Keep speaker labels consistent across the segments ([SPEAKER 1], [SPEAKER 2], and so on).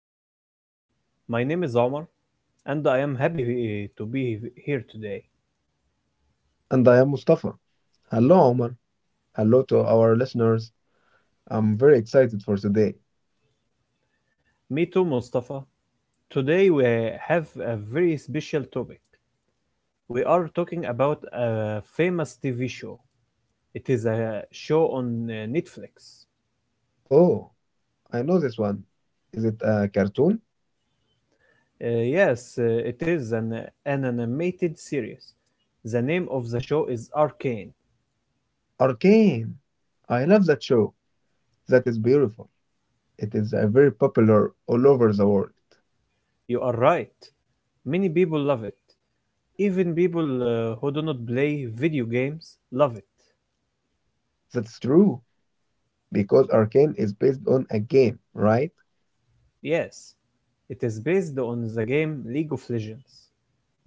[SPEAKER 1] podcast. My name is Omar, and I am happy to be here today.
[SPEAKER 2] And I am Mustafa. Hello, Omar. Hello to our listeners. I'm very excited for today.
[SPEAKER 1] Me too, Mustafa. Today we have a very special topic. We are talking about a famous TV show. It is a show on Netflix.
[SPEAKER 2] Oh, I know this one. Is it a cartoon?
[SPEAKER 1] Yes, it is an animated series. The name of the show is Arcane.
[SPEAKER 2] Arcane. I love that show. That is beautiful. It is very popular all over the world.
[SPEAKER 1] You are right. Many people love it. Even people who do not play video games love it.
[SPEAKER 2] That's true because Arcane is based on a game, right?
[SPEAKER 1] Yes, it is based on the game League of Legends.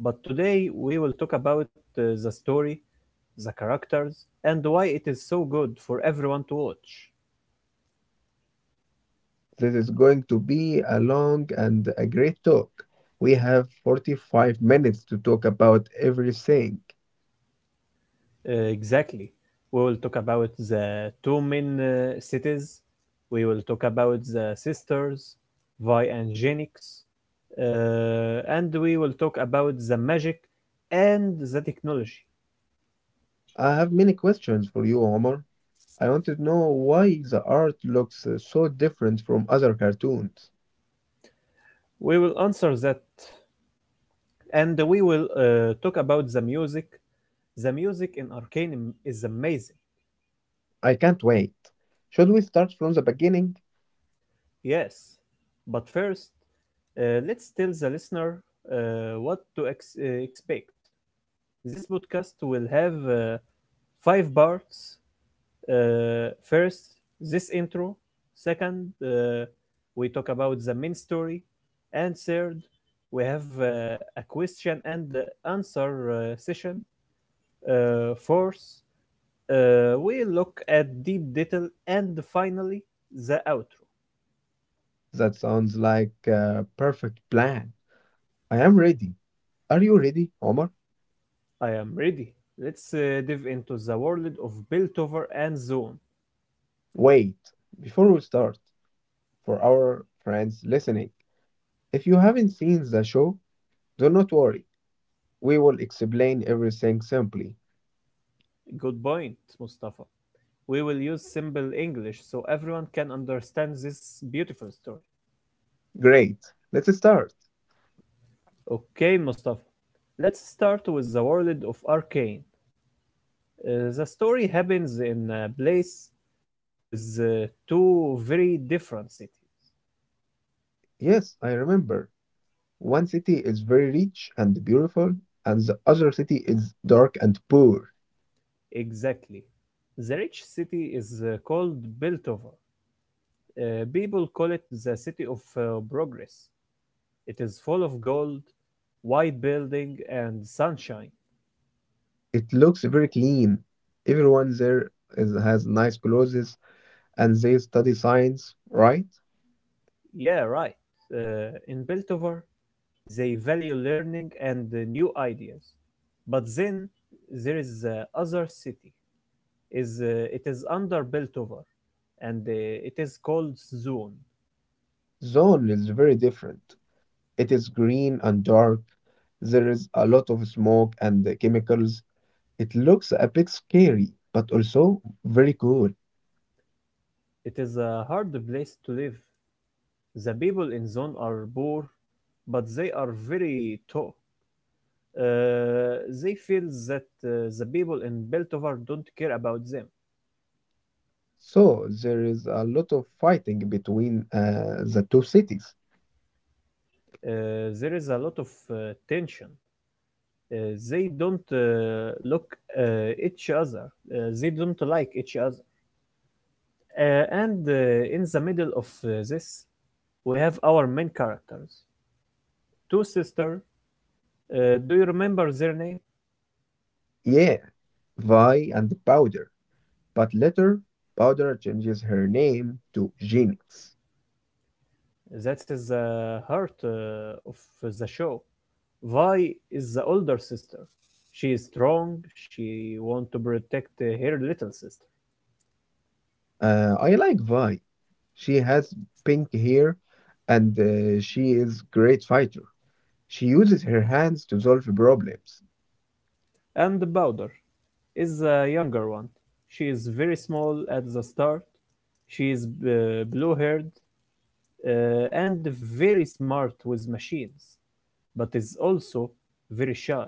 [SPEAKER 1] But today we will talk about the story, the characters, and why it is so good for everyone to watch.
[SPEAKER 2] This is going to be a long and a great talk. We have 45 minutes to talk about everything.
[SPEAKER 1] Exactly. We will talk about the two main cities. We will talk about the sisters, Vi and Genix. And we will talk about the magic and the technology.
[SPEAKER 2] I have many questions for you, Omar. I want to know why the art looks so different from other cartoons.
[SPEAKER 1] We will answer that, and we will talk about the music. The music in Arcanum is amazing,
[SPEAKER 2] I can't wait. Should we start from the beginning?
[SPEAKER 1] yes. But first, let's tell the listener what to expect. This podcast will have five parts. First, this intro. Second, we talk about the main story. And third, we have a question and answer session. Fourth, we look at deep detail and finally the outro.
[SPEAKER 2] That sounds like a perfect plan. I am ready. Are you ready, Omar?
[SPEAKER 1] I am ready. Let's dive into the world of Piltover and Zone.
[SPEAKER 2] Wait, before we start, for our friends listening, if you haven't seen the show, do not worry. We will explain everything simply.
[SPEAKER 1] Good point, Mustafa. We will use simple English so everyone can understand this beautiful story.
[SPEAKER 2] Great. Let's start.
[SPEAKER 1] Okay, Mustafa. Let's start with the world of Arcane. The story happens in a place with two very different cities.
[SPEAKER 2] Yes, I remember. One city is very rich and beautiful, and the other city is dark and poor.
[SPEAKER 1] Exactly. The rich city is called Biltover. People call it the city of progress. It is full of gold, white building, and sunshine.
[SPEAKER 2] It looks very clean. Everyone there has nice clothes and they study science, right?
[SPEAKER 1] Yeah, right. In Beltover, they value learning and new ideas. But then there is the other city. Is it is under Beltover, and it is called Zone.
[SPEAKER 2] Zone is very different. It is green and dark. There is a lot of smoke and the chemicals. It looks a bit scary, but also very cool.
[SPEAKER 1] It is a hard place to live. The people in Zone are poor, but they are very tough. They feel that the people in Beltover don't care about them.
[SPEAKER 2] So there is a lot of fighting between the two cities.
[SPEAKER 1] There is a lot of tension. They don't look each other. They don't like each other. And In the middle of this, we have our main characters. Two sisters. Do you remember their name?
[SPEAKER 2] Yeah, Vi and Powder. But later, Powder changes her name to Genix.
[SPEAKER 1] That is the heart of the show. Vi is the older sister. She is strong, she want to protect her little sister.
[SPEAKER 2] I like Vi. She has pink hair and she is great fighter. She uses her hands to solve problems.
[SPEAKER 1] And Baldur is the younger one. She is very small at the start. She is blue-haired uh, and very smart with machines, but is also very shy.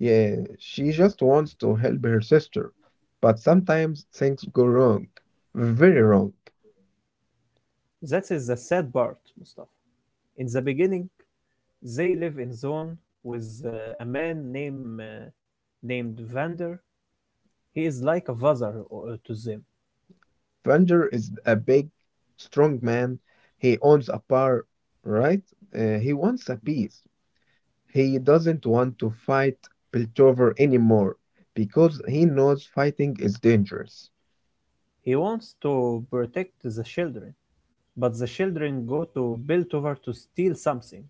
[SPEAKER 2] Yeah, she just wants to help her sister. But sometimes things go wrong. Very wrong.
[SPEAKER 1] That is the sad part, Mustafa. In the beginning, they live in zone with a man named Vander. He is like a father to them.
[SPEAKER 2] Vander is a big, strong man. He owns a bar, right? He wants a peace. He doesn't want to fight Piltover anymore because he knows fighting is dangerous.
[SPEAKER 1] He wants to protect the children, but the children go to Piltover to steal something.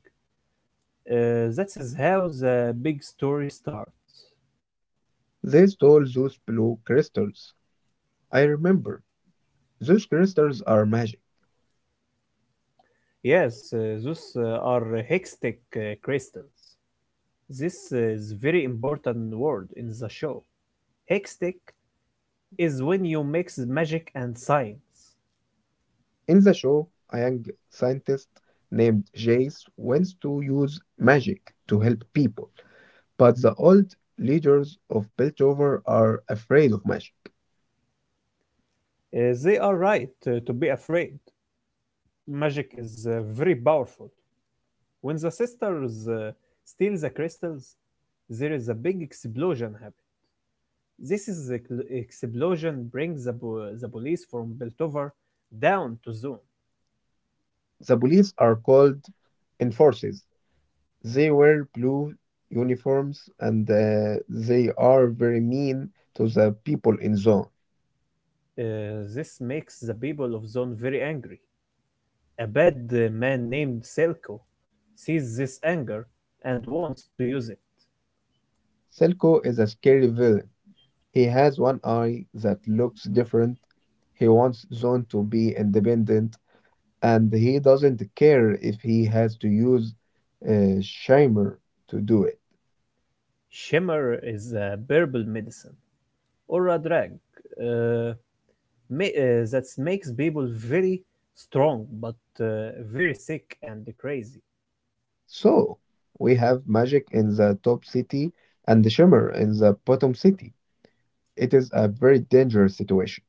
[SPEAKER 1] That is how the big story starts.
[SPEAKER 2] They stole those blue crystals. I remember. Those crystals are magic.
[SPEAKER 1] Yes, those are hextech crystals. This is very important word in the show. Hextech is when you mix magic and science.
[SPEAKER 2] In the show, a young scientist named Jace wants to use magic to help people, but the old leaders of Piltover are afraid of magic.
[SPEAKER 1] They are right to be afraid. Magic is very powerful. When the sisters steal the crystals, there is a big explosion happen. This is the explosion brings the police from Beltover down to Zone.
[SPEAKER 2] The police are called enforcers. They wear blue uniforms and they are very mean to the people in zone.
[SPEAKER 1] This makes the people of Zone very angry. A bad man named Selko sees this anger and wants to use it.
[SPEAKER 2] Silco is a scary villain. He has one eye that looks different. He wants Zone to be independent and he doesn't care if he has to use Shimmer to do it.
[SPEAKER 1] Shimmer is a herbal medicine or a drug uh, that makes people very strong but very sick and crazy.
[SPEAKER 2] So we have Magic in the top city and Shimmer in the bottom city. It is a very dangerous situation.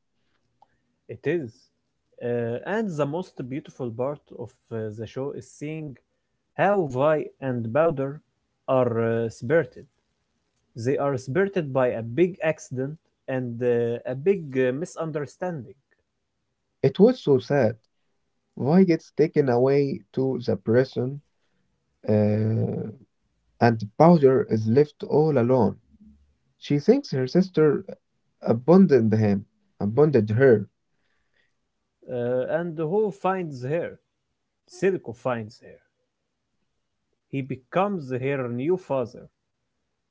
[SPEAKER 1] It is. And the most beautiful part of the show is seeing how Vi and Bowder are spirited. They are spirited by a big accident and a big misunderstanding.
[SPEAKER 2] It was so sad. Why gets taken away to the prison, uh, and Powder is left all alone. She thinks her sister abandoned him, abandoned her.
[SPEAKER 1] And who finds her? Silco finds her. He becomes her new father.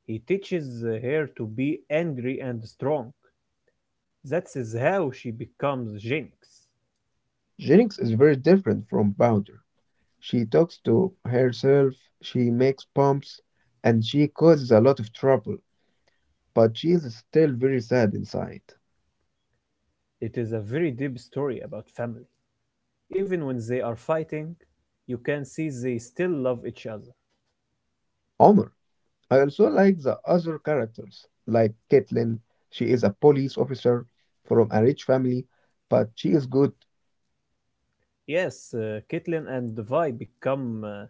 [SPEAKER 1] He teaches her to be angry and strong. That is how she becomes Jinx.
[SPEAKER 2] Jennings is very different from Powder. She talks to herself, she makes bumps, and she causes a lot of trouble, but she is still very sad inside.
[SPEAKER 1] It is a very deep story about family. Even when they are fighting, you can see they still love each other.
[SPEAKER 2] Omar, I also like the other characters, like Caitlin. She is a police officer from a rich family, but she is good.
[SPEAKER 1] Yes, Caitlyn and Vi become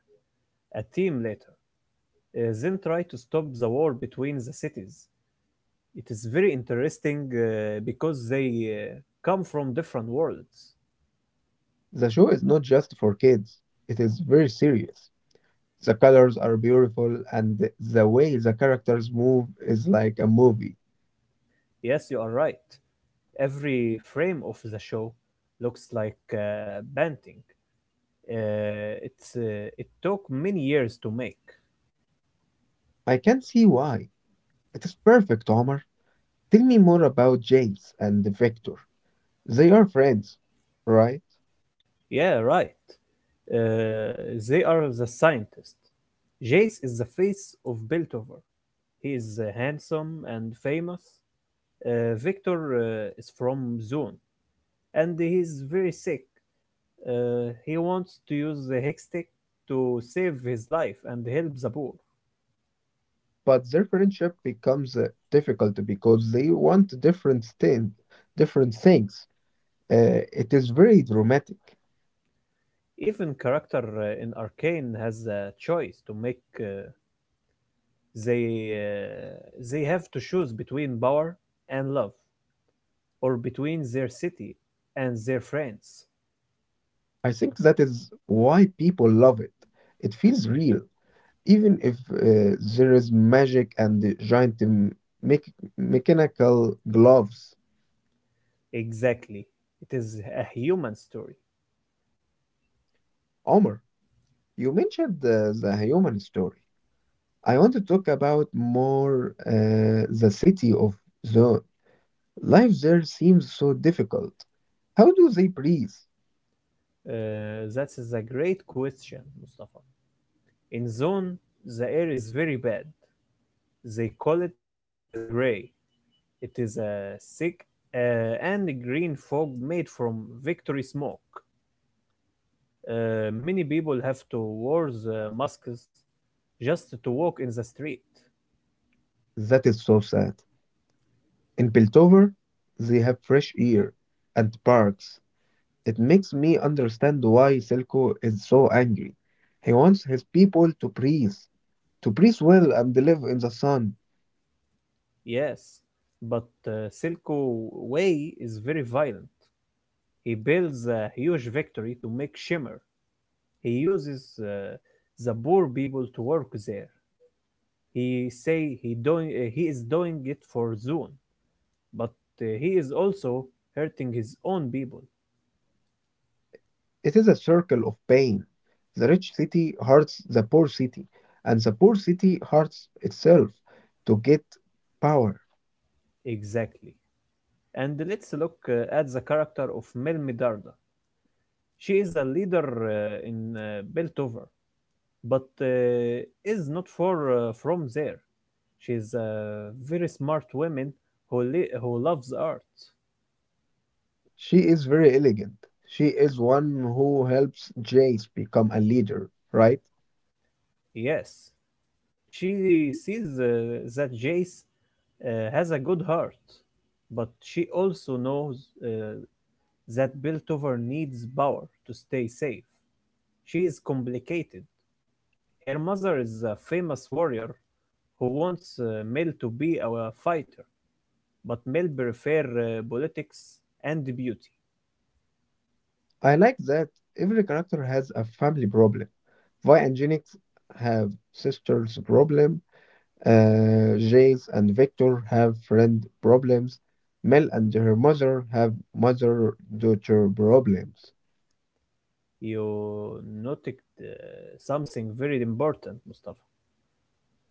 [SPEAKER 1] a team later, then try to stop the war between the cities. It is very interesting because they come from different worlds.
[SPEAKER 2] The show is not just for kids, it is very serious. The colors are beautiful, and the way the characters move is like a movie.
[SPEAKER 1] Yes, you are right. Every frame of the show looks like painting. It took many years to make.
[SPEAKER 2] I can see why. It is perfect, Omar. Tell me more about James and Victor. They are friends, right?
[SPEAKER 1] Yeah, right. They are the scientist. Jace is the face of Beltover. He is handsome and famous. Victor is from Zone, and he's very sick. He wants to use the Hextech to save his life and help the poor.
[SPEAKER 2] But their friendship becomes difficult because they want different things. It is very dramatic.
[SPEAKER 1] Even character in Arcane has a choice to make. They have to choose between power and love, or between their city and their friends.
[SPEAKER 2] I think that is why people love it. It feels real, even if there is magic and the giant mech- mechanical gloves.
[SPEAKER 1] Exactly. It is a human story.
[SPEAKER 2] Omar, you mentioned the human story. I want to talk about more the city of Zone. Life there seems so difficult. How do they breathe?
[SPEAKER 1] That is a great question, Mustafa. In zone, the air is very bad. They call it the gray. It is a thick and green fog made from victory smoke. Many people have to wear the masks just to walk in the street.
[SPEAKER 2] That is so sad. In Piltover, they have fresh air and parks. It makes me understand why Silco is so angry. He wants his people to breathe well and live in the sun.
[SPEAKER 1] Yes, but Silco Way is very violent. He builds a huge factory to make shimmer. He uses the poor people to work there. He is doing it for Zune, but he is also hurting his own people.
[SPEAKER 2] It is a circle of pain. The rich city hurts the poor city, and the poor city hurts itself to get power.
[SPEAKER 1] Exactly. And let's look at the character of Mel. She is a leader in Beltover, but is not far from there. She is a very smart woman who loves art.
[SPEAKER 2] She is very elegant. She is one who helps Jace become a leader, right?
[SPEAKER 1] Yes, she sees that Jace has a good heart, but she also knows uh, that Biltover needs power to stay safe. She is complicated. Her mother is a famous warrior who wants Mel to be a fighter, but Mel prefers politics and beauty.
[SPEAKER 2] I like that every character has a family problem. Vi and Jinx have sisters problem. Jace and Victor have friend problems. Mel and her mother have mother-daughter problems.
[SPEAKER 1] You noted uh, something very important, Mustafa.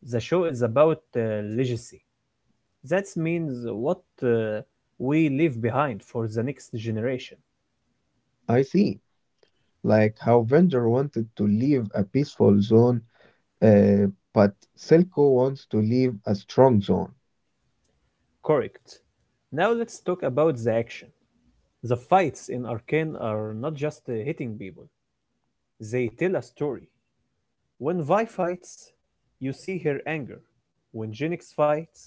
[SPEAKER 1] The show is about legacy. That means what uh, we leave behind for the next generation.
[SPEAKER 2] I see. Like how Vendor wanted to leave a peaceful zone, uh, but Silco wants to leave a strong zone.
[SPEAKER 1] Correct. Now let's talk about the action. The fights in Arcane are not just hitting people, they tell a story. When Vi fights, you see her anger. When Jinx fights,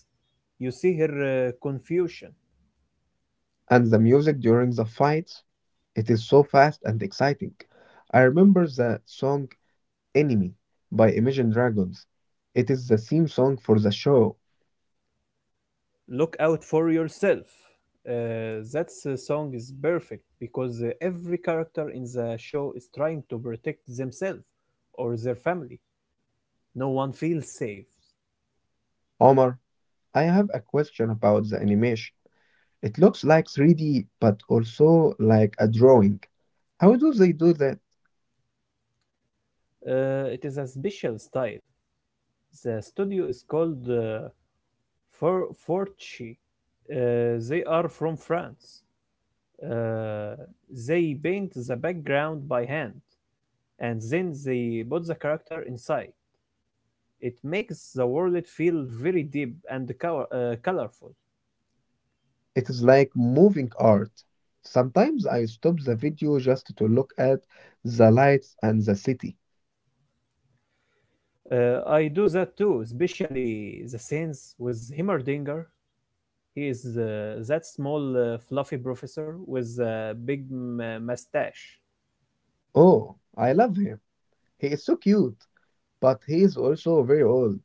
[SPEAKER 1] you see her confusion.
[SPEAKER 2] And the music during the fights, it is so fast and exciting. I remember the song Enemy by Imagine Dragons. It is the theme song for the show.
[SPEAKER 1] Look out for yourself. That song is perfect because every character in the show is trying to protect themselves or their family. No one feels safe.
[SPEAKER 2] Omar, I have a question about the animation. It looks like 3D, but also like a drawing. How do they do that?
[SPEAKER 1] It is a special style. The studio is called For Forti. They are from France. Uh, they paint the background by hand, and then they put the character inside. It makes the world feel very deep and colorful.
[SPEAKER 2] It is like moving art. Sometimes I stop the video just to look at the lights and the city.
[SPEAKER 1] I do that too, especially the scenes with Himmerdinger. He is that small, fluffy professor with a big mustache.
[SPEAKER 2] Oh, I love him. He is so cute, but he is also very old.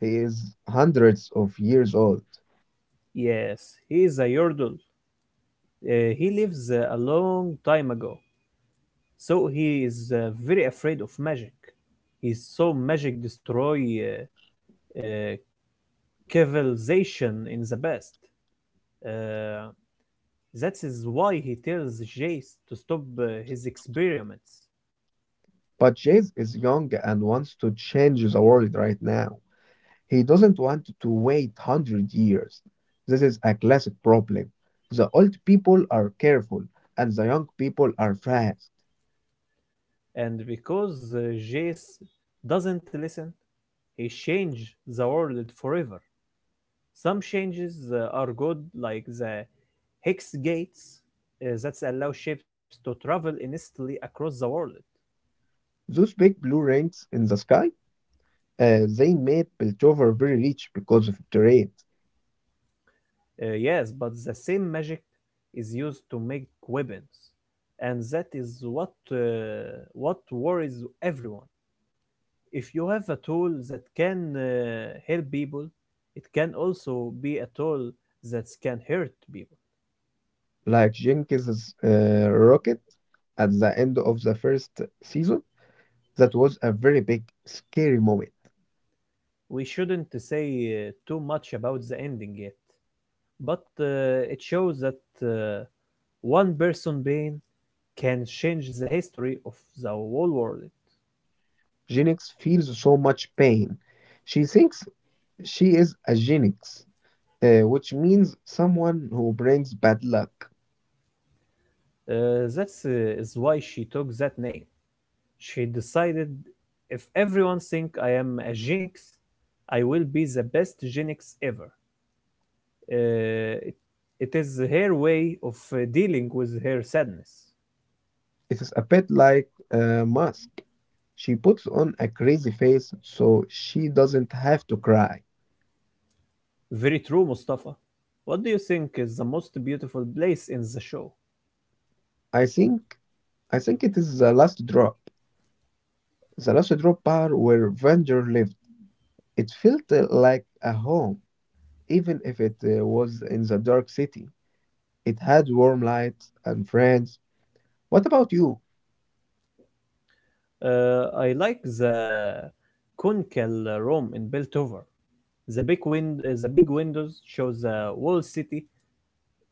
[SPEAKER 2] He is hundreds of years old.
[SPEAKER 1] Yes, he is a yordle. He lives a long time ago, so he is very afraid of magic. He saw magic destroy uh, civilization in the past. Uh, that is why he tells Jace to stop his experiments.
[SPEAKER 2] But Jayce is young and wants to change the world right now. He doesn't want to wait 100 years. This is a classic problem. The old people are careful and the young people are fast.
[SPEAKER 1] And because Jace doesn't listen, he changed the world forever. Some changes are good, like the hex gates that allow ships to travel instantly across the world.
[SPEAKER 2] Those big blue rings in the sky, they made Piltover very rich because of trade,
[SPEAKER 1] Yes, but the same magic is used to make weapons, and that is what what worries everyone. If you have a tool that can help people, it can also be a tool that can hurt people.
[SPEAKER 2] like Jenkins's rocket at the end of the first season. That was a very big, scary moment.
[SPEAKER 1] We shouldn't say too much about the ending yet, but it shows that uh, one person being can change the history of the whole world.
[SPEAKER 2] Genix feels so much pain. She thinks she is a Genix, which means someone who brings bad luck.
[SPEAKER 1] That is why she took that name. She decided if everyone think I am a jinx, I will be the best jinx ever. Uh, it, it is her way of dealing with her sadness.
[SPEAKER 2] It is a bit like a mask. She puts on a crazy face so she doesn't have to cry.
[SPEAKER 1] Very true, Mustafa. What do you think is the most beautiful place in the show?
[SPEAKER 2] I think I think it is the last drop. The last drop bar where Venger lives. It felt like a home, even if it was in the dark city. It had warm light and friends. What about you?
[SPEAKER 1] I like the Kunkel room in Beltover. The big windows show the whole city.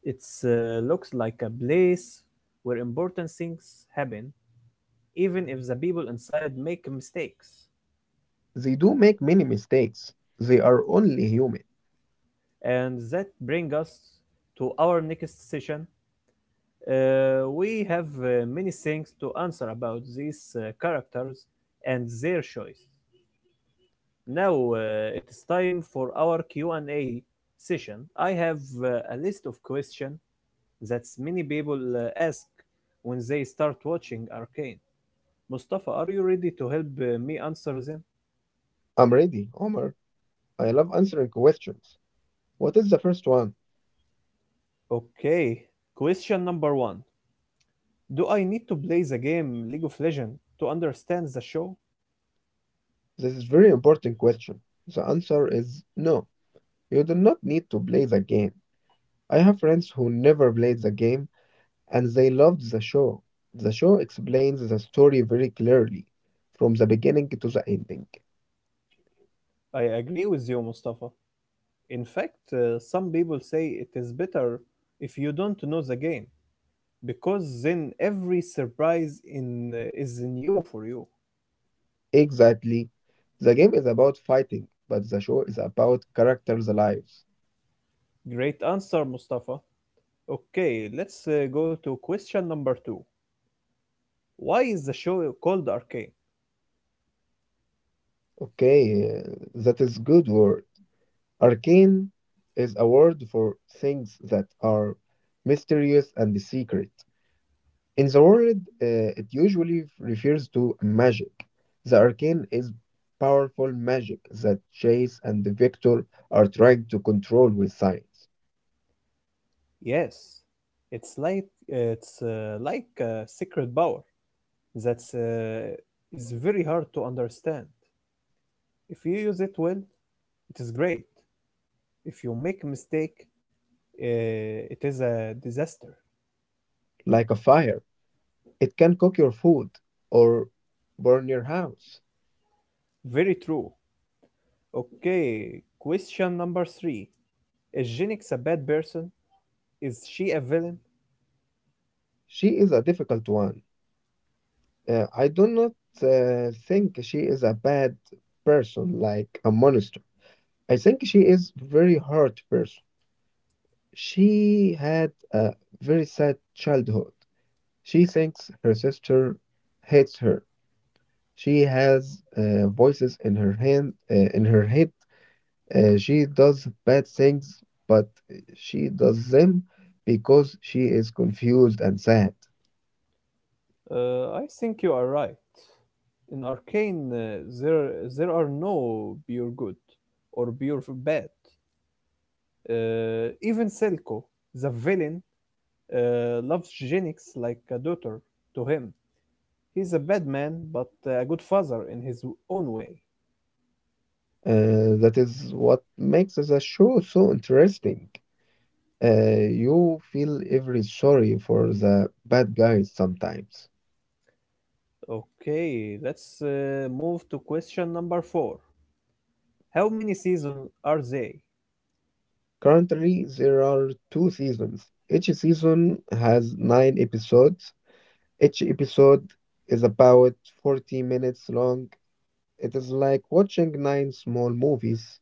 [SPEAKER 1] It looks like a place where important things happen, even if the people inside make mistakes.
[SPEAKER 2] They do make many mistakes. They are only human.
[SPEAKER 1] And that brings us to our next session. We have many things to answer about these characters and their choice. Now it is time for our Q&A session. I have a list of questions that many people ask when they start watching Arcane. Mustafa, are you ready to help me answer them?
[SPEAKER 2] I'm ready, Omar. I love answering questions. What is the first one?
[SPEAKER 1] Okay. Question number one. Do I need to play the game League of Legends to understand the show?
[SPEAKER 2] This is very important question. The answer is no. You do not need to play the game. I have friends who never played the game and they loved the show. The show explains the story very clearly, from the beginning to the ending.
[SPEAKER 1] I agree with you, Mustafa. In fact, some people say it is better if you don't know the game. Because then every surprise in is new for you.
[SPEAKER 2] Exactly. The game is about fighting, but the show is about characters' lives.
[SPEAKER 1] Great answer, Mustafa. Okay, let's go to question number two. Why is the show called Arcane?
[SPEAKER 2] Okay, that is good word. Arcane is a word for things that are mysterious and secret. In the world, it usually refers to magic. The arcane is powerful magic that Chase and Victor are trying to control with science.
[SPEAKER 1] Yes, it's like a secret power that's is very hard to understand. If you use it well, it is great. If you make a mistake, it is a disaster.
[SPEAKER 2] Like a fire, it can cook your food or burn your house.
[SPEAKER 1] Very true. Okay, question number three. Is Genix a bad person? Is she a villain?
[SPEAKER 2] She is a difficult one. I do not think she is a bad person, like a monster. I think she is very hurt person. She had a very sad childhood. She thinks her sister hates her. She has voices in her in her head. She does bad things, but she does them because she is confused and sad.
[SPEAKER 1] I think you are right. In Arcane, there there are no pure good or pure bad. Even Selko, the villain, loves Genix like a daughter to him. He's a bad man, but a good father in his own way.
[SPEAKER 2] That is what makes the show so interesting. You feel every sorry for the bad guys sometimes.
[SPEAKER 1] Okay, let's move to question number four. How many seasons are they?
[SPEAKER 2] Currently, there are two seasons. Each season has nine episodes. Each episode is about 40 minutes long. It is like watching nine small movies.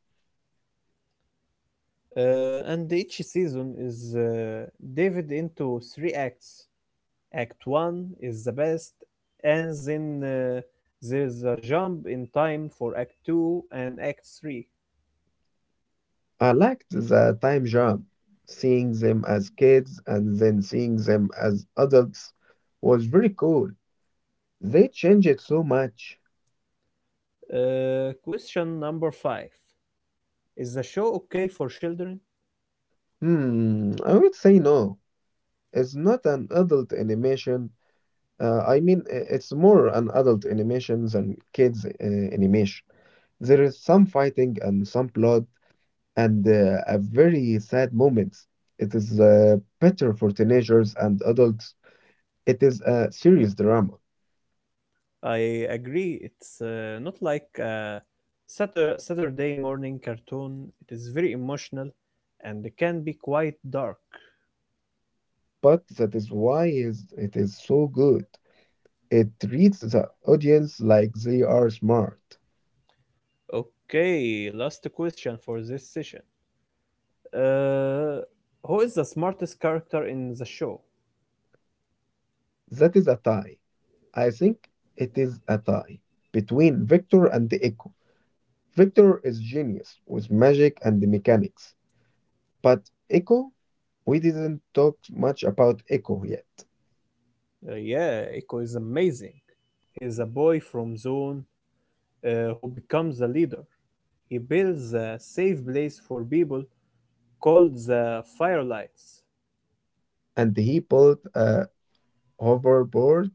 [SPEAKER 1] And each season is divided into three acts. Act one is the best, and then there's a jump in time for Act two and Act three.
[SPEAKER 2] I liked the time jump. Seeing them as kids and then seeing them as adults was very cool. They changed it so much.
[SPEAKER 1] Question number five. Is the show okay for children?
[SPEAKER 2] Hmm, I would say no. It's not an adult animation. I mean, it's more an adult animation than kids' animation. There is some fighting and some blood and a very sad moments. It is better for teenagers and adults. It is a serious drama,
[SPEAKER 1] I agree. It's not like a Saturday morning cartoon. It is very emotional and it can be quite dark.
[SPEAKER 2] but that is why is it is so good. It treats the audience like they are smart.
[SPEAKER 1] Okay, last question for this session. Uh, who is the smartest character in the show?
[SPEAKER 2] That is a tie. I think it is a tie between Victor and Echo. Victor is genius with magic and the mechanics, but Echo, we didn't talk much about Echo yet.
[SPEAKER 1] Yeah, Echo is amazing. He is a boy from Zone who becomes a leader. He builds a safe place for people called the Firelights.
[SPEAKER 2] And he built a hoverboard.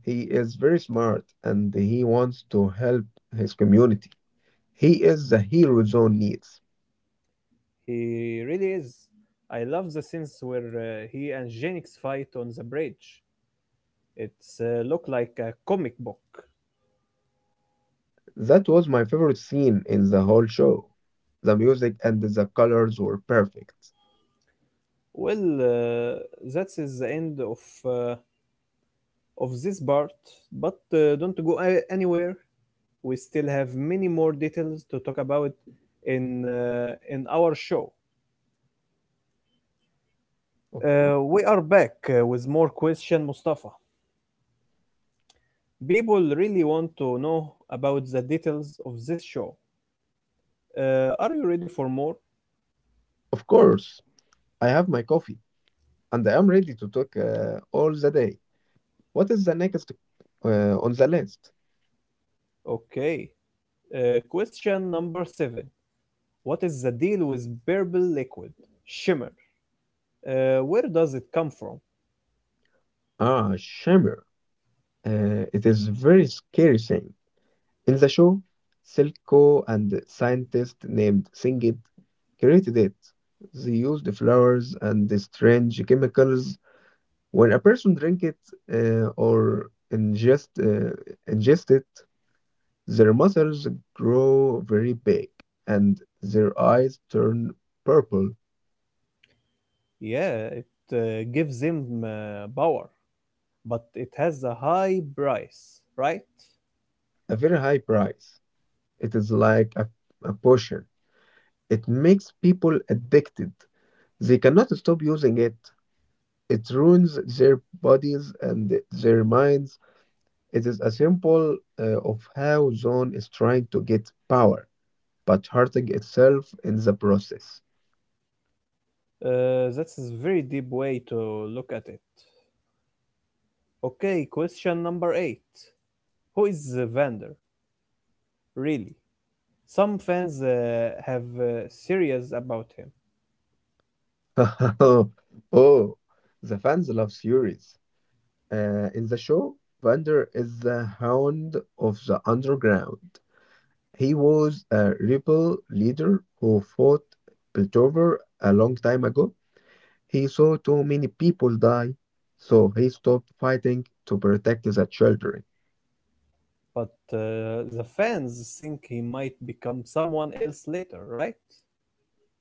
[SPEAKER 2] He is very smart and he wants to help his community. He is the hero Zone needs.
[SPEAKER 1] He really is. I love the scenes where he and Genix fight on the bridge. It's look like a comic book.
[SPEAKER 2] That was my favorite scene in the whole show. The music and the colors were perfect.
[SPEAKER 1] Well, that is the end of uh, of this part. But don't go anywhere. We still have many more details to talk about in our show.
[SPEAKER 2] O-
[SPEAKER 1] We are back with more question, Mustafa. People really want to know about the details of this show. Are you ready for more?
[SPEAKER 2] Of course, I have my coffee. And I am ready to talk all the day. What is the next on the list?
[SPEAKER 1] Okay. Question number seven. What is the deal with purple liquid? Shimmer. Where does it come from?
[SPEAKER 2] Ah, Shimmer. It is very scary thing. In the show, Silco and scientist named Singit created it. They used flowers and the strange chemicals. When a person drink it or ingest it, their muscles grow very big and their eyes turn purple.
[SPEAKER 1] Yeah, it gives them power, but it has a high price, right?
[SPEAKER 2] A very high price. It is like a potion. It makes people addicted. They cannot stop using it. It ruins their bodies and their minds. It is a symbol of how Zone is trying to get power, but hurting itself in the process.
[SPEAKER 1] That's a very deep way to look at it. Okay, question number eight. Who is the vendor, really? Some fans have theories about him,
[SPEAKER 2] Oh, the fans love theories. In the show, Vander is the hound of the underground. He was a rebel leader who fought Piltover a long time ago. He saw too many people die, so he stopped fighting to protect the children.
[SPEAKER 1] but the fans think he might become someone else later, right?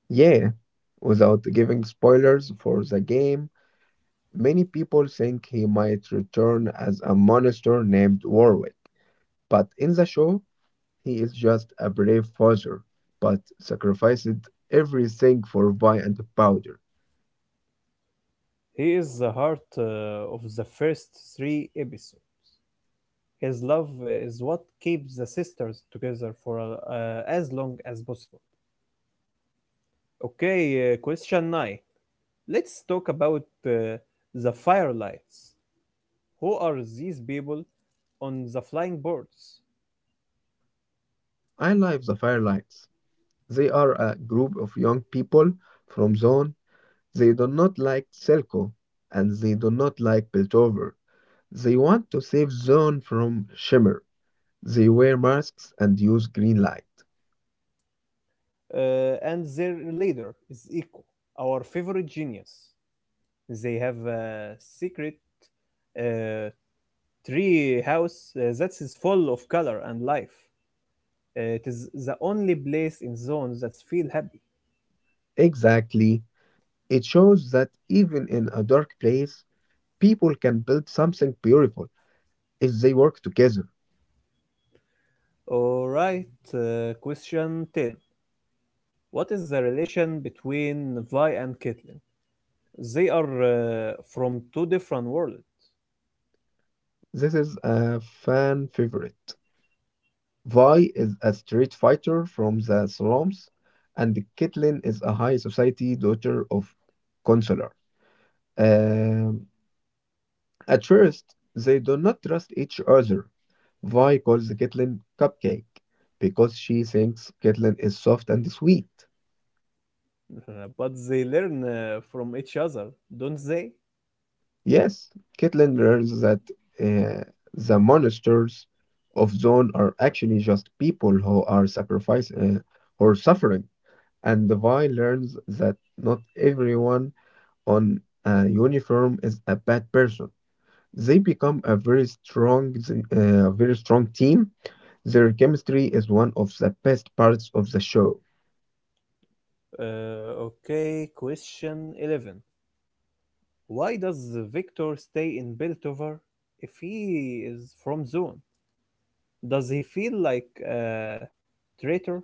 [SPEAKER 2] Yeah, without giving spoilers for the game, many people think he might return as a monster named Warwick, but in the show, he is just a brave father, but sacrificed everything for Vi and Powder.
[SPEAKER 1] He is the heart of the first three episodes. His love is what keeps the sisters together for as long as possible. Okay, question 9. Let's talk about the Firelights. Who are these people on the flying boards?
[SPEAKER 2] I love the firelights. They are a group of young people from zone. They do not like Silco and they do not like Piltover. They want to save zone from Shimmer. They wear masks and use green light.
[SPEAKER 1] And their leader is Iko, our favorite genius. They have a secret uh, tree house that is full of color and life. It is the only place in zones that feel happy.
[SPEAKER 2] Exactly. It shows that even in a dark place, people can build something beautiful if they work together.
[SPEAKER 1] Alright, question 10. What is the relation between Vi and Caitlin? They are from two different worlds,
[SPEAKER 2] This is a fan favorite. Vi is a street fighter from the slums, and Caitlin is a high society daughter of Consular. Um, at first, they do not trust each other. Vi calls Caitlin Cupcake because she thinks Caitlin is soft and sweet.
[SPEAKER 1] but they learn from each other, don't they?
[SPEAKER 2] Yes, Caitlin learns that uh, the monsters of Zone are actually just people who are sacrificing or suffering, and Vi learns that not everyone on a uniform is a bad person. They become a very strong team. Their chemistry is one of the best parts of the show.
[SPEAKER 1] Uh, okay, question 11. Why does Victor stay in Beltover if he is from Zone? Does he feel like a traitor?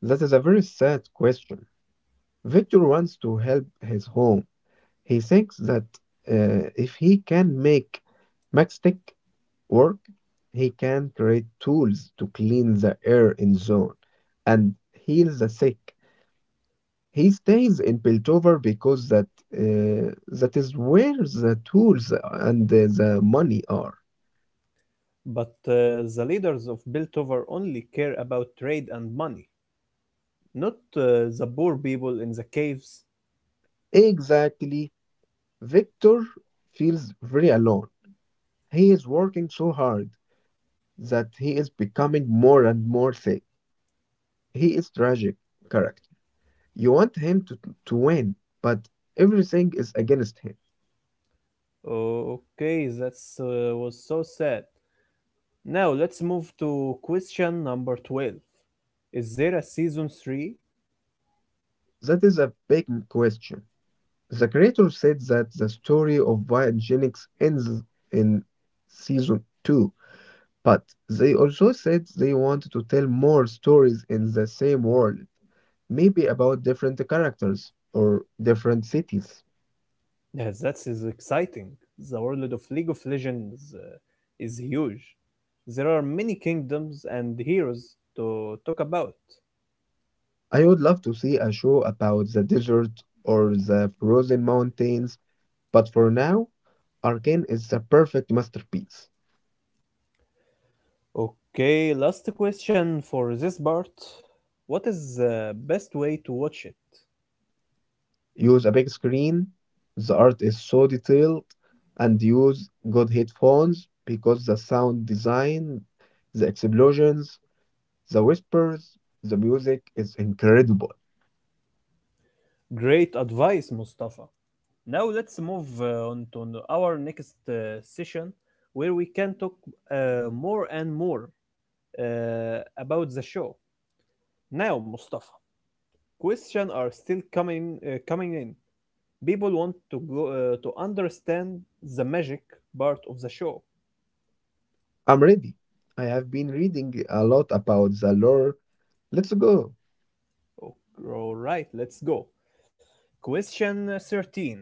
[SPEAKER 2] That is a very sad question. Victor wants to help his home. He thinks that if he can make Max stick, or he can create tools to clean the air in zone and heal the sick. He stays in Piltover because that is where the tools and the money are.
[SPEAKER 1] But the leaders of Biltover only care about trade and money, not the poor people in the caves.
[SPEAKER 2] Exactly. Victor feels very alone. He is working so hard that he is becoming more and more sick. He is tragic character. You want him to win, but everything is against him.
[SPEAKER 1] Okay, that was so sad. Now let's move to question number 12. Is there a season 3?
[SPEAKER 2] That is a big question. The creator said that the story of Viagenics ends in season 2, but they also said they wanted to tell more stories in the same world, maybe about different characters or different cities.
[SPEAKER 1] Yes, that is exciting. The world of League of Legends is huge. There are many kingdoms and heroes to talk about.
[SPEAKER 2] I would love to see a show about the desert or the frozen mountains, but for now, Arcane is the perfect masterpiece.
[SPEAKER 1] Okay, last question for this part. What is the best way to watch it?
[SPEAKER 2] Use a big screen. The art is so detailed and use good headphones because the sound design, the explosions, the whispers, the music is incredible.
[SPEAKER 1] Great advice, Mustafa. Now let's move on to our next session where we can talk more and more about the show. Now, Mustafa, questions are still coming in. People want to go to understand the magic part of the show.
[SPEAKER 2] I'm ready. I have been reading a lot about the lore. Let's go.
[SPEAKER 1] O- All right, let's go. Question 13.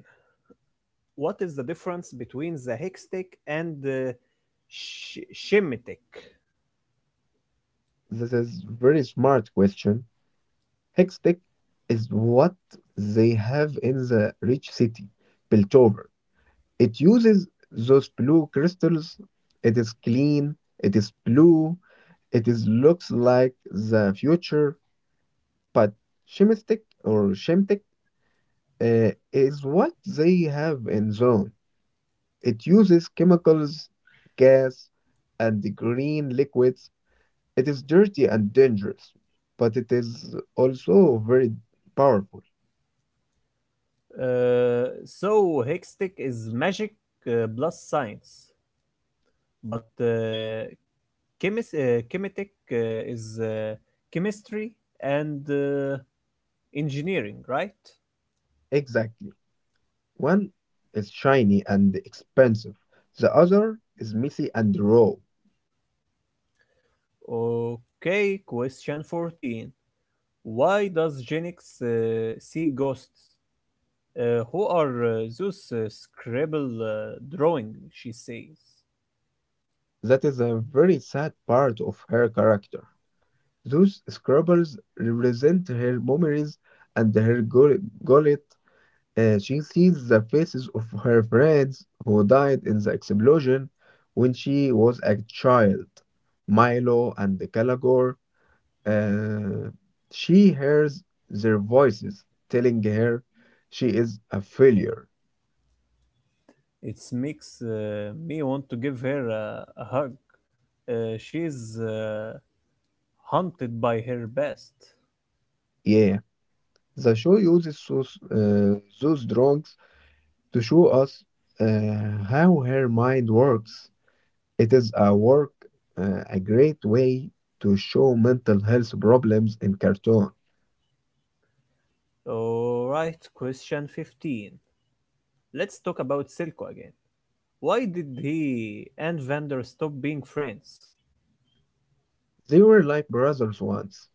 [SPEAKER 1] What is the difference between the Hextech and the Shemtech?
[SPEAKER 2] This is very smart question. Hextech is what they have in the rich city, built. It uses those blue crystals. It is clean. It is blue. It is looks like the future, but Shemtech or Shemtech is what they have in zone. It uses chemicals, gas, and the green liquids. It is dirty and dangerous, but it is also very powerful.
[SPEAKER 1] So Hextech is magic plus science, but Chemetech is chemistry and engineering, right?
[SPEAKER 2] Exactly. One is shiny and expensive. The other is messy and raw.
[SPEAKER 1] Okay, question 14. Why does Genix see ghosts? Who are those scribble drawing? She says.
[SPEAKER 2] That is a very sad part of her character. Those scribbles represent her memories and her gullet. She sees the faces of her friends who died in the explosion when she was a child, Milo and Calagor. Uh, she hears their voices telling her she is a failure.
[SPEAKER 1] It makes me want to give her a hug. She's haunted by her best.
[SPEAKER 2] Yeah, the show uses those drawings to show us how her mind works. It is a a great way to show mental health problems in cartoon.
[SPEAKER 1] Alright, question 15. Let's talk about Silco again. Why did he and Vander stop being friends?
[SPEAKER 2] They were like brothers once.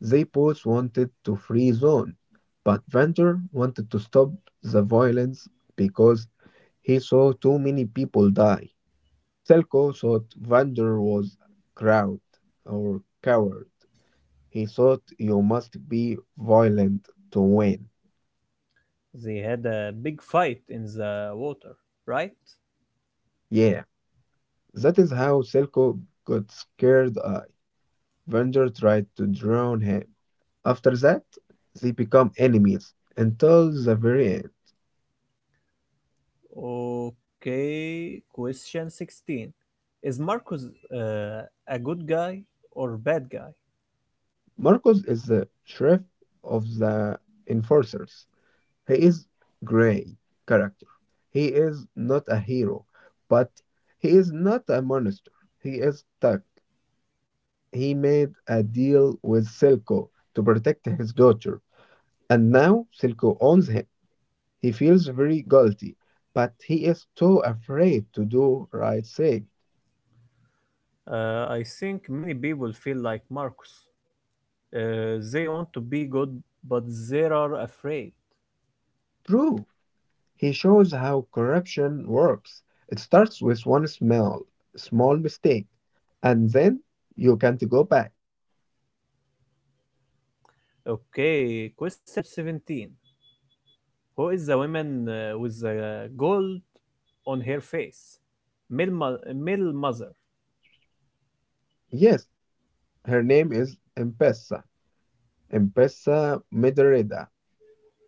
[SPEAKER 2] They both wanted to free Zone, but Vander wanted to stop the violence because he saw too many people die. Selko thought Vander was crowd or coward. He thought you must be violent to win.
[SPEAKER 1] They had a big fight in the water, right?
[SPEAKER 2] Yeah, that is how Silco got scared. Vander tried to drown him. After that, they become enemies until the very end.
[SPEAKER 1] Okay, question 16. Is Marcus a good guy or bad guy?
[SPEAKER 2] Marcos is the sheriff of the enforcers. He is gray character. He is not a hero, but he is not a monster. He is stuck. He made a deal with Silco to protect his daughter, and now Silco owns him. He feels very guilty, but he is too afraid to do right thing.
[SPEAKER 1] I think many people feel like Marcus. They want to be good, but they are afraid.
[SPEAKER 2] True, he shows how corruption works. It starts with one small mistake, and then you can't go back.
[SPEAKER 1] Okay, question 17. Who is the woman with the gold on her face? Mil Mother.
[SPEAKER 2] Yes, her name is Empesa, Empesa Medreda.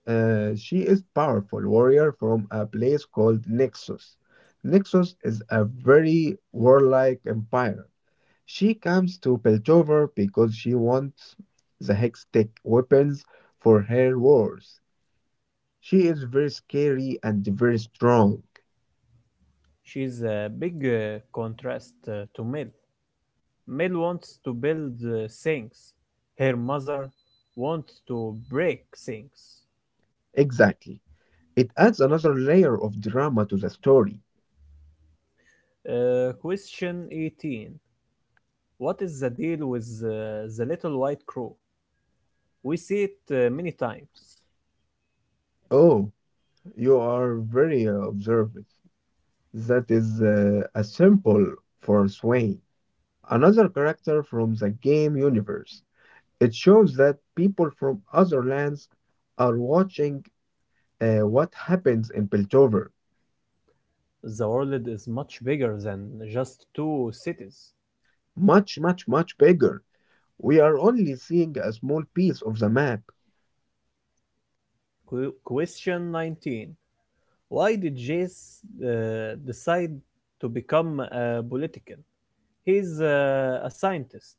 [SPEAKER 2] She is powerful warrior from a place called Nexus. Nexus is a very warlike empire. She comes to Piltover because she wants the Hextech weapons for her wars. She is very scary and very strong.
[SPEAKER 1] She's a big contrast to Mil. Mel wants to build things. Her mother wants to break things.
[SPEAKER 2] Exactly. It adds another layer of drama to the story.
[SPEAKER 1] Question 18. What is the deal with the little white crow? We see it many times.
[SPEAKER 2] Oh, you are very observant. That is a sample for Swain, another character from the game universe. It shows that people from other lands are watching what happens in Piltover.
[SPEAKER 1] The world is much bigger than just two cities.
[SPEAKER 2] Much, much, much bigger. We are only seeing a small piece of the map.
[SPEAKER 1] Question 19. Why did Jace decide to become a politician? He's a scientist.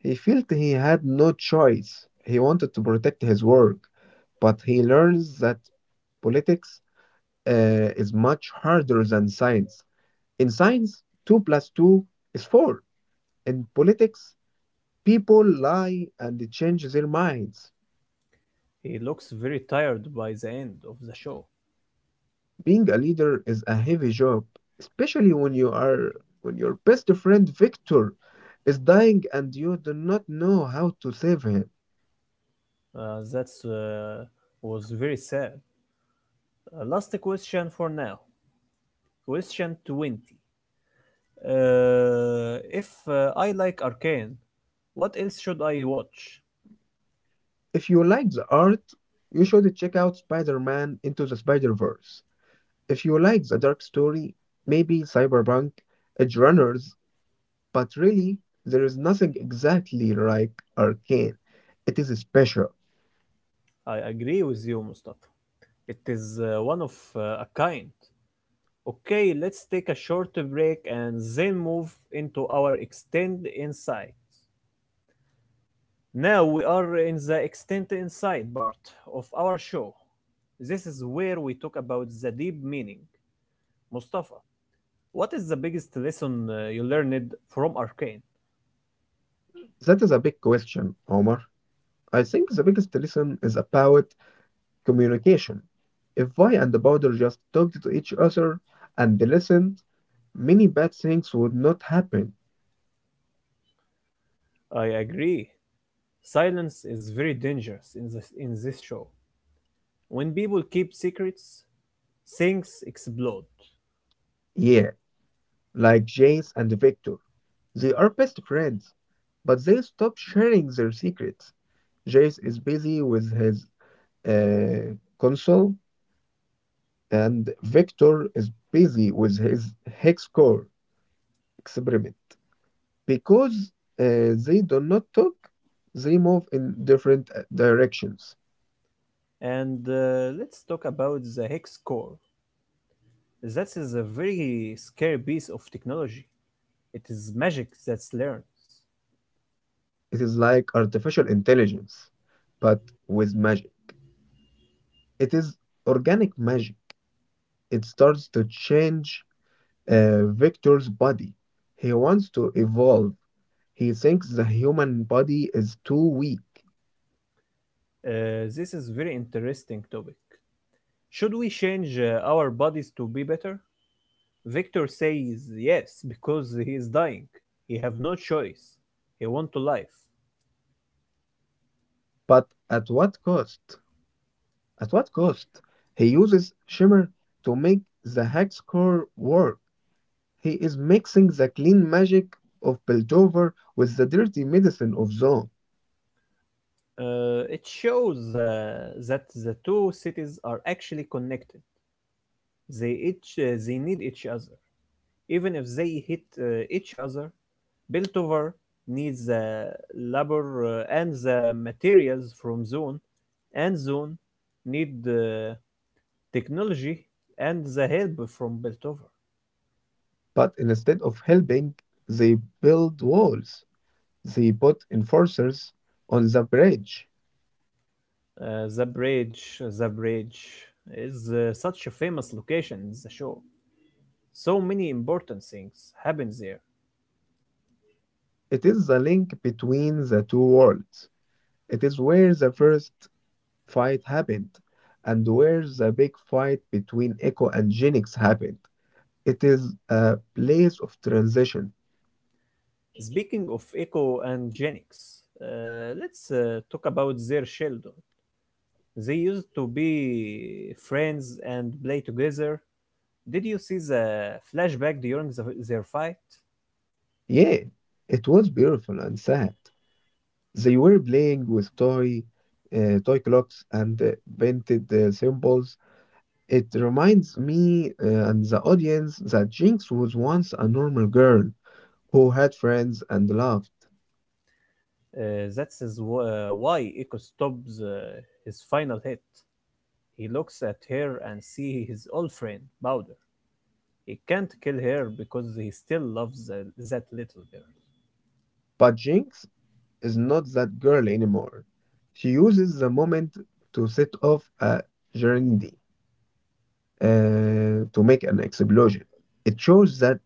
[SPEAKER 2] He felt he had no choice. He wanted to protect his work, but he learns that politics is much harder than science. In science, 2 plus 2 is 4. In politics, people lie and change their minds.
[SPEAKER 1] He looks very tired by the end of the show.
[SPEAKER 2] Being a leader is a heavy job, especially when you are when your best friend Victor is dying and you do not know how to save him.
[SPEAKER 1] That was very sad. Last question for now. Question 20. If I like Arcane, what else should I watch?
[SPEAKER 2] If you like the art, you should check out Spider-Man Into the Spider-Verse. If you like the dark story, maybe Cyberpunk, Edge Runners, but really there is nothing exactly like Arcane. It is special.
[SPEAKER 1] I agree with you, Mustafa. It is one of a kind. Okay, let's take a short break and then move into our extend inside. Now we are in the extend inside part of our show. This is where we talk about the deep meaning. Mustafa, what is the biggest lesson you learned from Arcane?
[SPEAKER 2] That is a big question, Omar. I think the biggest lesson is about communication. If Vi and the Powder just talked to each other and listened, many bad things would not happen.
[SPEAKER 1] I agree. Silence is very dangerous in this show. When people keep secrets, things explode.
[SPEAKER 2] Yeah, like Jace and Victor. They are best friends, but they stop sharing their secrets. Jace is busy with his console, and Victor is busy with his hex core experiment. Because they do not talk, they move in different directions.
[SPEAKER 1] And let's talk about the hex core. That is a very scary piece of technology. It is magic that learns.
[SPEAKER 2] It is like artificial intelligence, but with magic. It is organic magic. It starts to change Victor's body. He wants to evolve. He thinks the human body is too weak,
[SPEAKER 1] This is very interesting topic. Should we change our bodies to be better? Victor says yes because he is dying. He have no choice. He want to life.
[SPEAKER 2] but at what cost? At what cost? He uses Shimmer to make the hex core work. He is mixing the clean magic of Piltover with the dirty medicine of Zone.
[SPEAKER 1] It shows that the two cities are actually connected. They need each other. Even if they hit each other, Beltover needs the labor and the materials from Zone, and Zone need the technology and the help from Beltover.
[SPEAKER 2] But instead of helping, they build walls. They put enforcers on the bridge.
[SPEAKER 1] The bridge is such a famous location in the show. So many important things happen there.
[SPEAKER 2] It is the link between the two worlds. It is where the first fight happened and where the big fight between Echo and Genix happened. It is a place of transition.
[SPEAKER 1] Speaking of Echo and Genix, let's talk about their children. They used to be friends and play together. Did you see the flashback during their fight?
[SPEAKER 2] Yeah, it was beautiful and sad. They were playing with toy clocks and painted symbols. It reminds me and the audience that Jinx was once a normal girl who had friends and loved.
[SPEAKER 1] Why Echo stops his final hit. He looks at her and sees his old friend, Bowder. He can't kill her because he still loves that little girl.
[SPEAKER 2] But Jinx is not that girl anymore. She uses the moment to set off a journey uh, to make an explosion. It shows that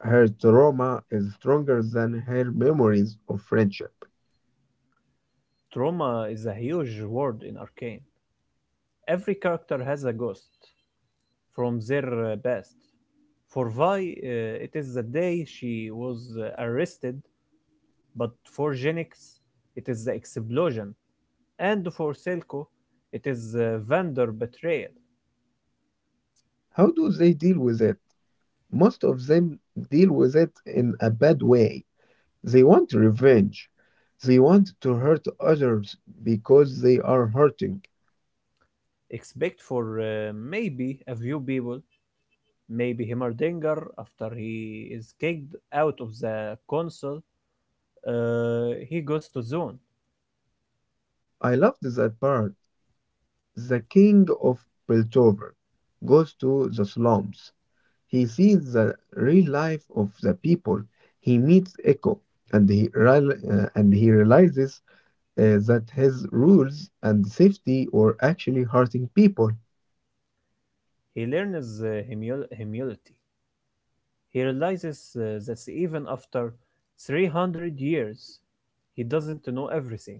[SPEAKER 2] her trauma is stronger than her memories of friendship.
[SPEAKER 1] Trauma is a huge word in Arcane. Every character has a ghost from their past. For Vi, it is the day she was arrested, but for Genix, it is the explosion. And for Selco, it is vendor betrayal.
[SPEAKER 2] How do they deal with it? Most of them deal with it in a bad way. They want revenge. They want to hurt others because they are hurting.
[SPEAKER 1] Expect for maybe a few people, maybe Himmerdinger, after he is kicked out of the console, he goes to Zone.
[SPEAKER 2] I loved that part. The king of Piltover goes to the slums. He sees the real life of the people. He meets Echo and he realizes that his rules and safety were actually hurting people.
[SPEAKER 1] He learns humility. He realizes that even after 300 years, he doesn't know everything.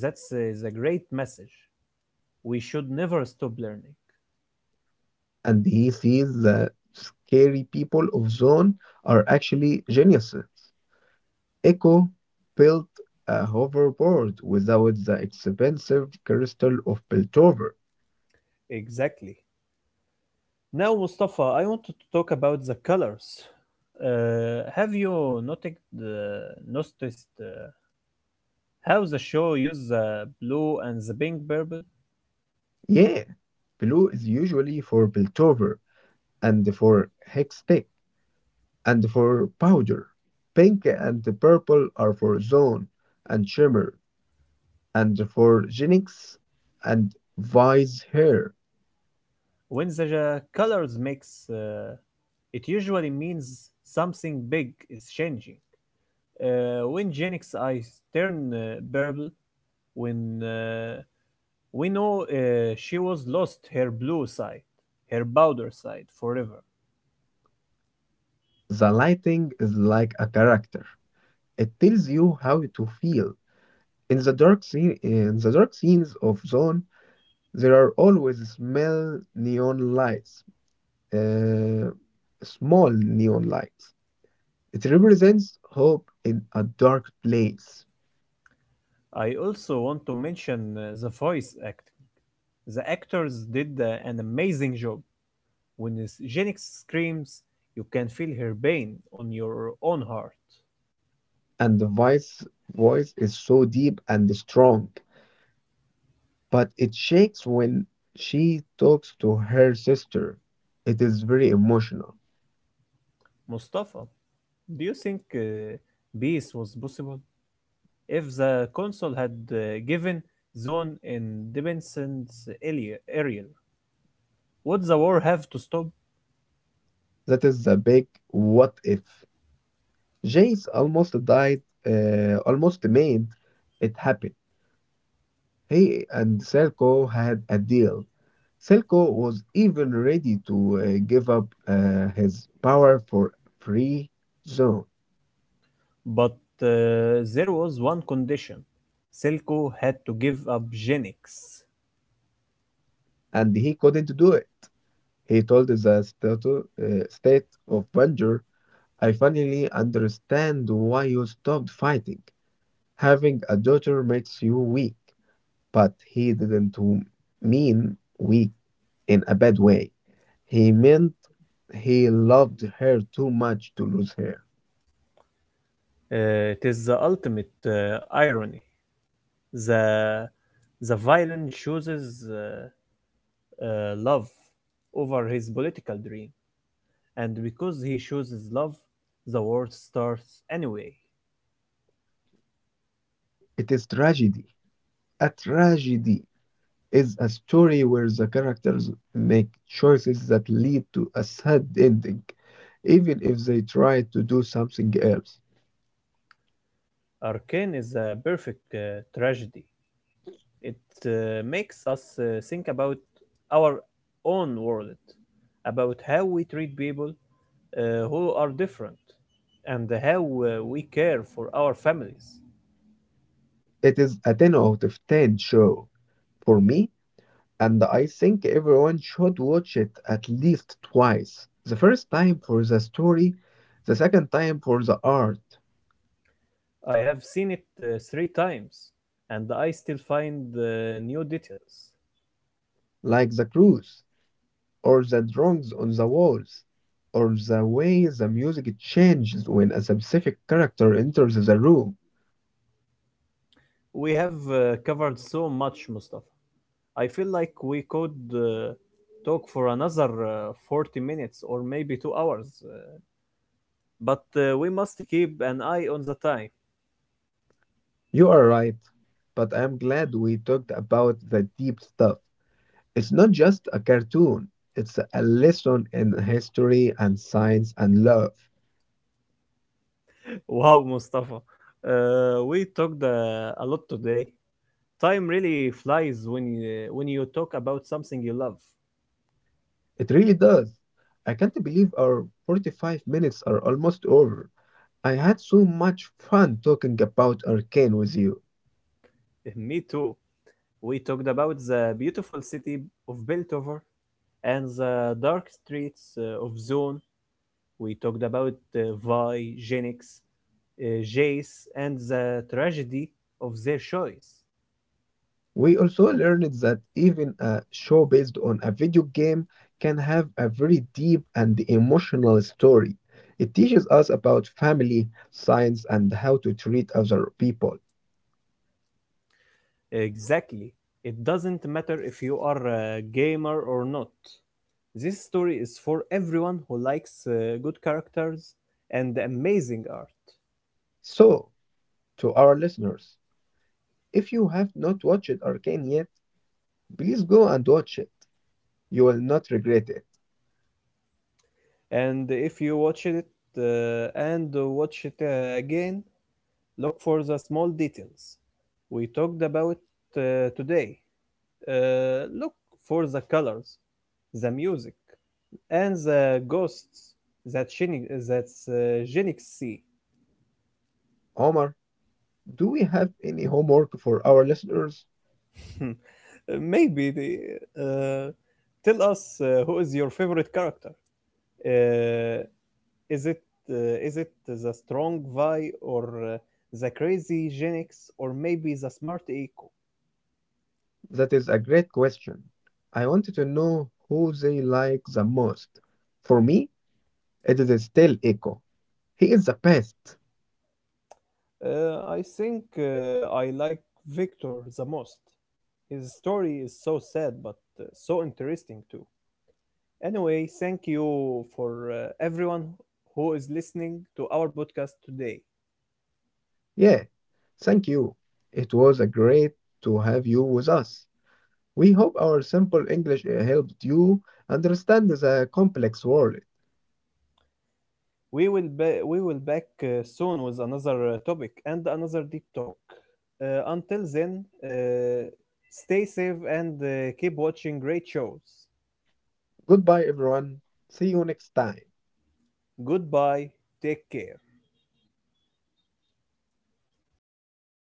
[SPEAKER 1] That's the great message. We should never stop learning.
[SPEAKER 2] And he sees the scary people of Zone are actually geniuses. Echo built a hoverboard without the expensive crystal of Piltover.
[SPEAKER 1] Exactly. Now, Mustafa, I wanted to talk about the colors. Have you noticed how the show uses the blue and the pink purple?
[SPEAKER 2] Yeah, blue is usually for Piltover and for Hextech and for Powder. Pink and purple are for Zone and Shimmer and for Genix and Vice Hair.
[SPEAKER 1] When the colors mix, it usually means something big is changing. When Jenix eyes turn purple, when we know she was lost her blue side, her powder side forever.
[SPEAKER 2] The lighting is like a character. It tells you how to feel. In the dark scenes of Zone, there are always uh, small neon lights. It represents hope in a dark place,
[SPEAKER 1] I also want to mention the voice acting. The actors did an amazing job. When Jenix screams, you can feel her pain on your own heart.
[SPEAKER 2] and the wife's voice is so deep and strong, but it shakes when she talks to her sister. It is very emotional.
[SPEAKER 1] Mustafa, do you think peace was possible if the council had given zone independence earlier? Would the war have to stop?
[SPEAKER 2] That is the big what if. Jace almost made it happen. He and Selko had a deal. Selko was even ready to give up his power for free zone,
[SPEAKER 1] But there was one condition. Silco had to give up Genix.
[SPEAKER 2] and he couldn't do it. He told the state of Banjur, I finally understand why you stopped fighting. Having a daughter makes you weak, but he didn't w- mean weak in a bad way. He meant he loved her too much to lose her.
[SPEAKER 1] It is the ultimate irony. The the villain chooses love over his political dream, and because he chooses love, the war starts anyway.
[SPEAKER 2] It is tragedy. A tragedy is a story where the characters make choices that lead to a sad ending, even if they try to do something else.
[SPEAKER 1] Arcane is a perfect tragedy. It makes us think about our own world, about how we treat people who are different, and how we care for our families.
[SPEAKER 2] It is a 10 out of 10 show for me and I think everyone should watch it at least twice. The first time for the story, the second time for the art,
[SPEAKER 1] I have seen it three times, and I still find new details.
[SPEAKER 2] like the cruise, or the drawings on the walls, or the way the music changes when a specific character enters the room.
[SPEAKER 1] We have covered so much, Mustafa. I feel like we could talk for another 40 minutes or maybe 2 hours, but we must keep an eye on the time.
[SPEAKER 2] You are right, but I am glad we talked about the deep stuff. It's not just a cartoon, it's a lesson in history and science and love.
[SPEAKER 1] Wow, Mustafa. We talked a lot today. Time really flies when when you talk about something you love.
[SPEAKER 2] It really does. I can't believe our 45 minutes are almost over. I had so much fun talking about Arcane with you.
[SPEAKER 1] Me too. We talked about the beautiful city of Beltover and the dark streets of Zone. We talked about Vi, Genix, Jace, and the tragedy of their choice.
[SPEAKER 2] We also learned that even a show based on a video game can have a very deep and emotional story. It teaches us about family, science, and how to treat other people.
[SPEAKER 1] Exactly. It doesn't matter if you are a gamer or not. This story is for everyone who likes good characters and amazing art.
[SPEAKER 2] So, to our listeners, if you have not watched Arcane yet, please go and watch it. You will not regret it.
[SPEAKER 1] And if you watch it and watch it again, look for the small details we talked about today. Look for the colors, the music, and the ghosts that Genix see.
[SPEAKER 2] Omar, do we have any homework for our listeners?
[SPEAKER 1] Maybe they, uh, tell us who is your favorite character. Uh, is it uh, is it the strong Vi or uh, the crazy Genix or maybe the smart Eco?
[SPEAKER 2] That is a great question. I wanted to know who they like the most. For me, it is still Echo. He is the best.
[SPEAKER 1] I think I like Victor the most. His story is so sad but so interesting too. Anyway, thank you for everyone who is listening to our podcast today.
[SPEAKER 2] Yeah, thank you. It was a great to have you with us. We hope our simple English helped you understand the complex world.
[SPEAKER 1] We will back soon with another topic and another deep talk. Until then, stay safe and keep watching great shows.
[SPEAKER 2] Goodbye, everyone. See you next time.
[SPEAKER 1] Goodbye. Take care.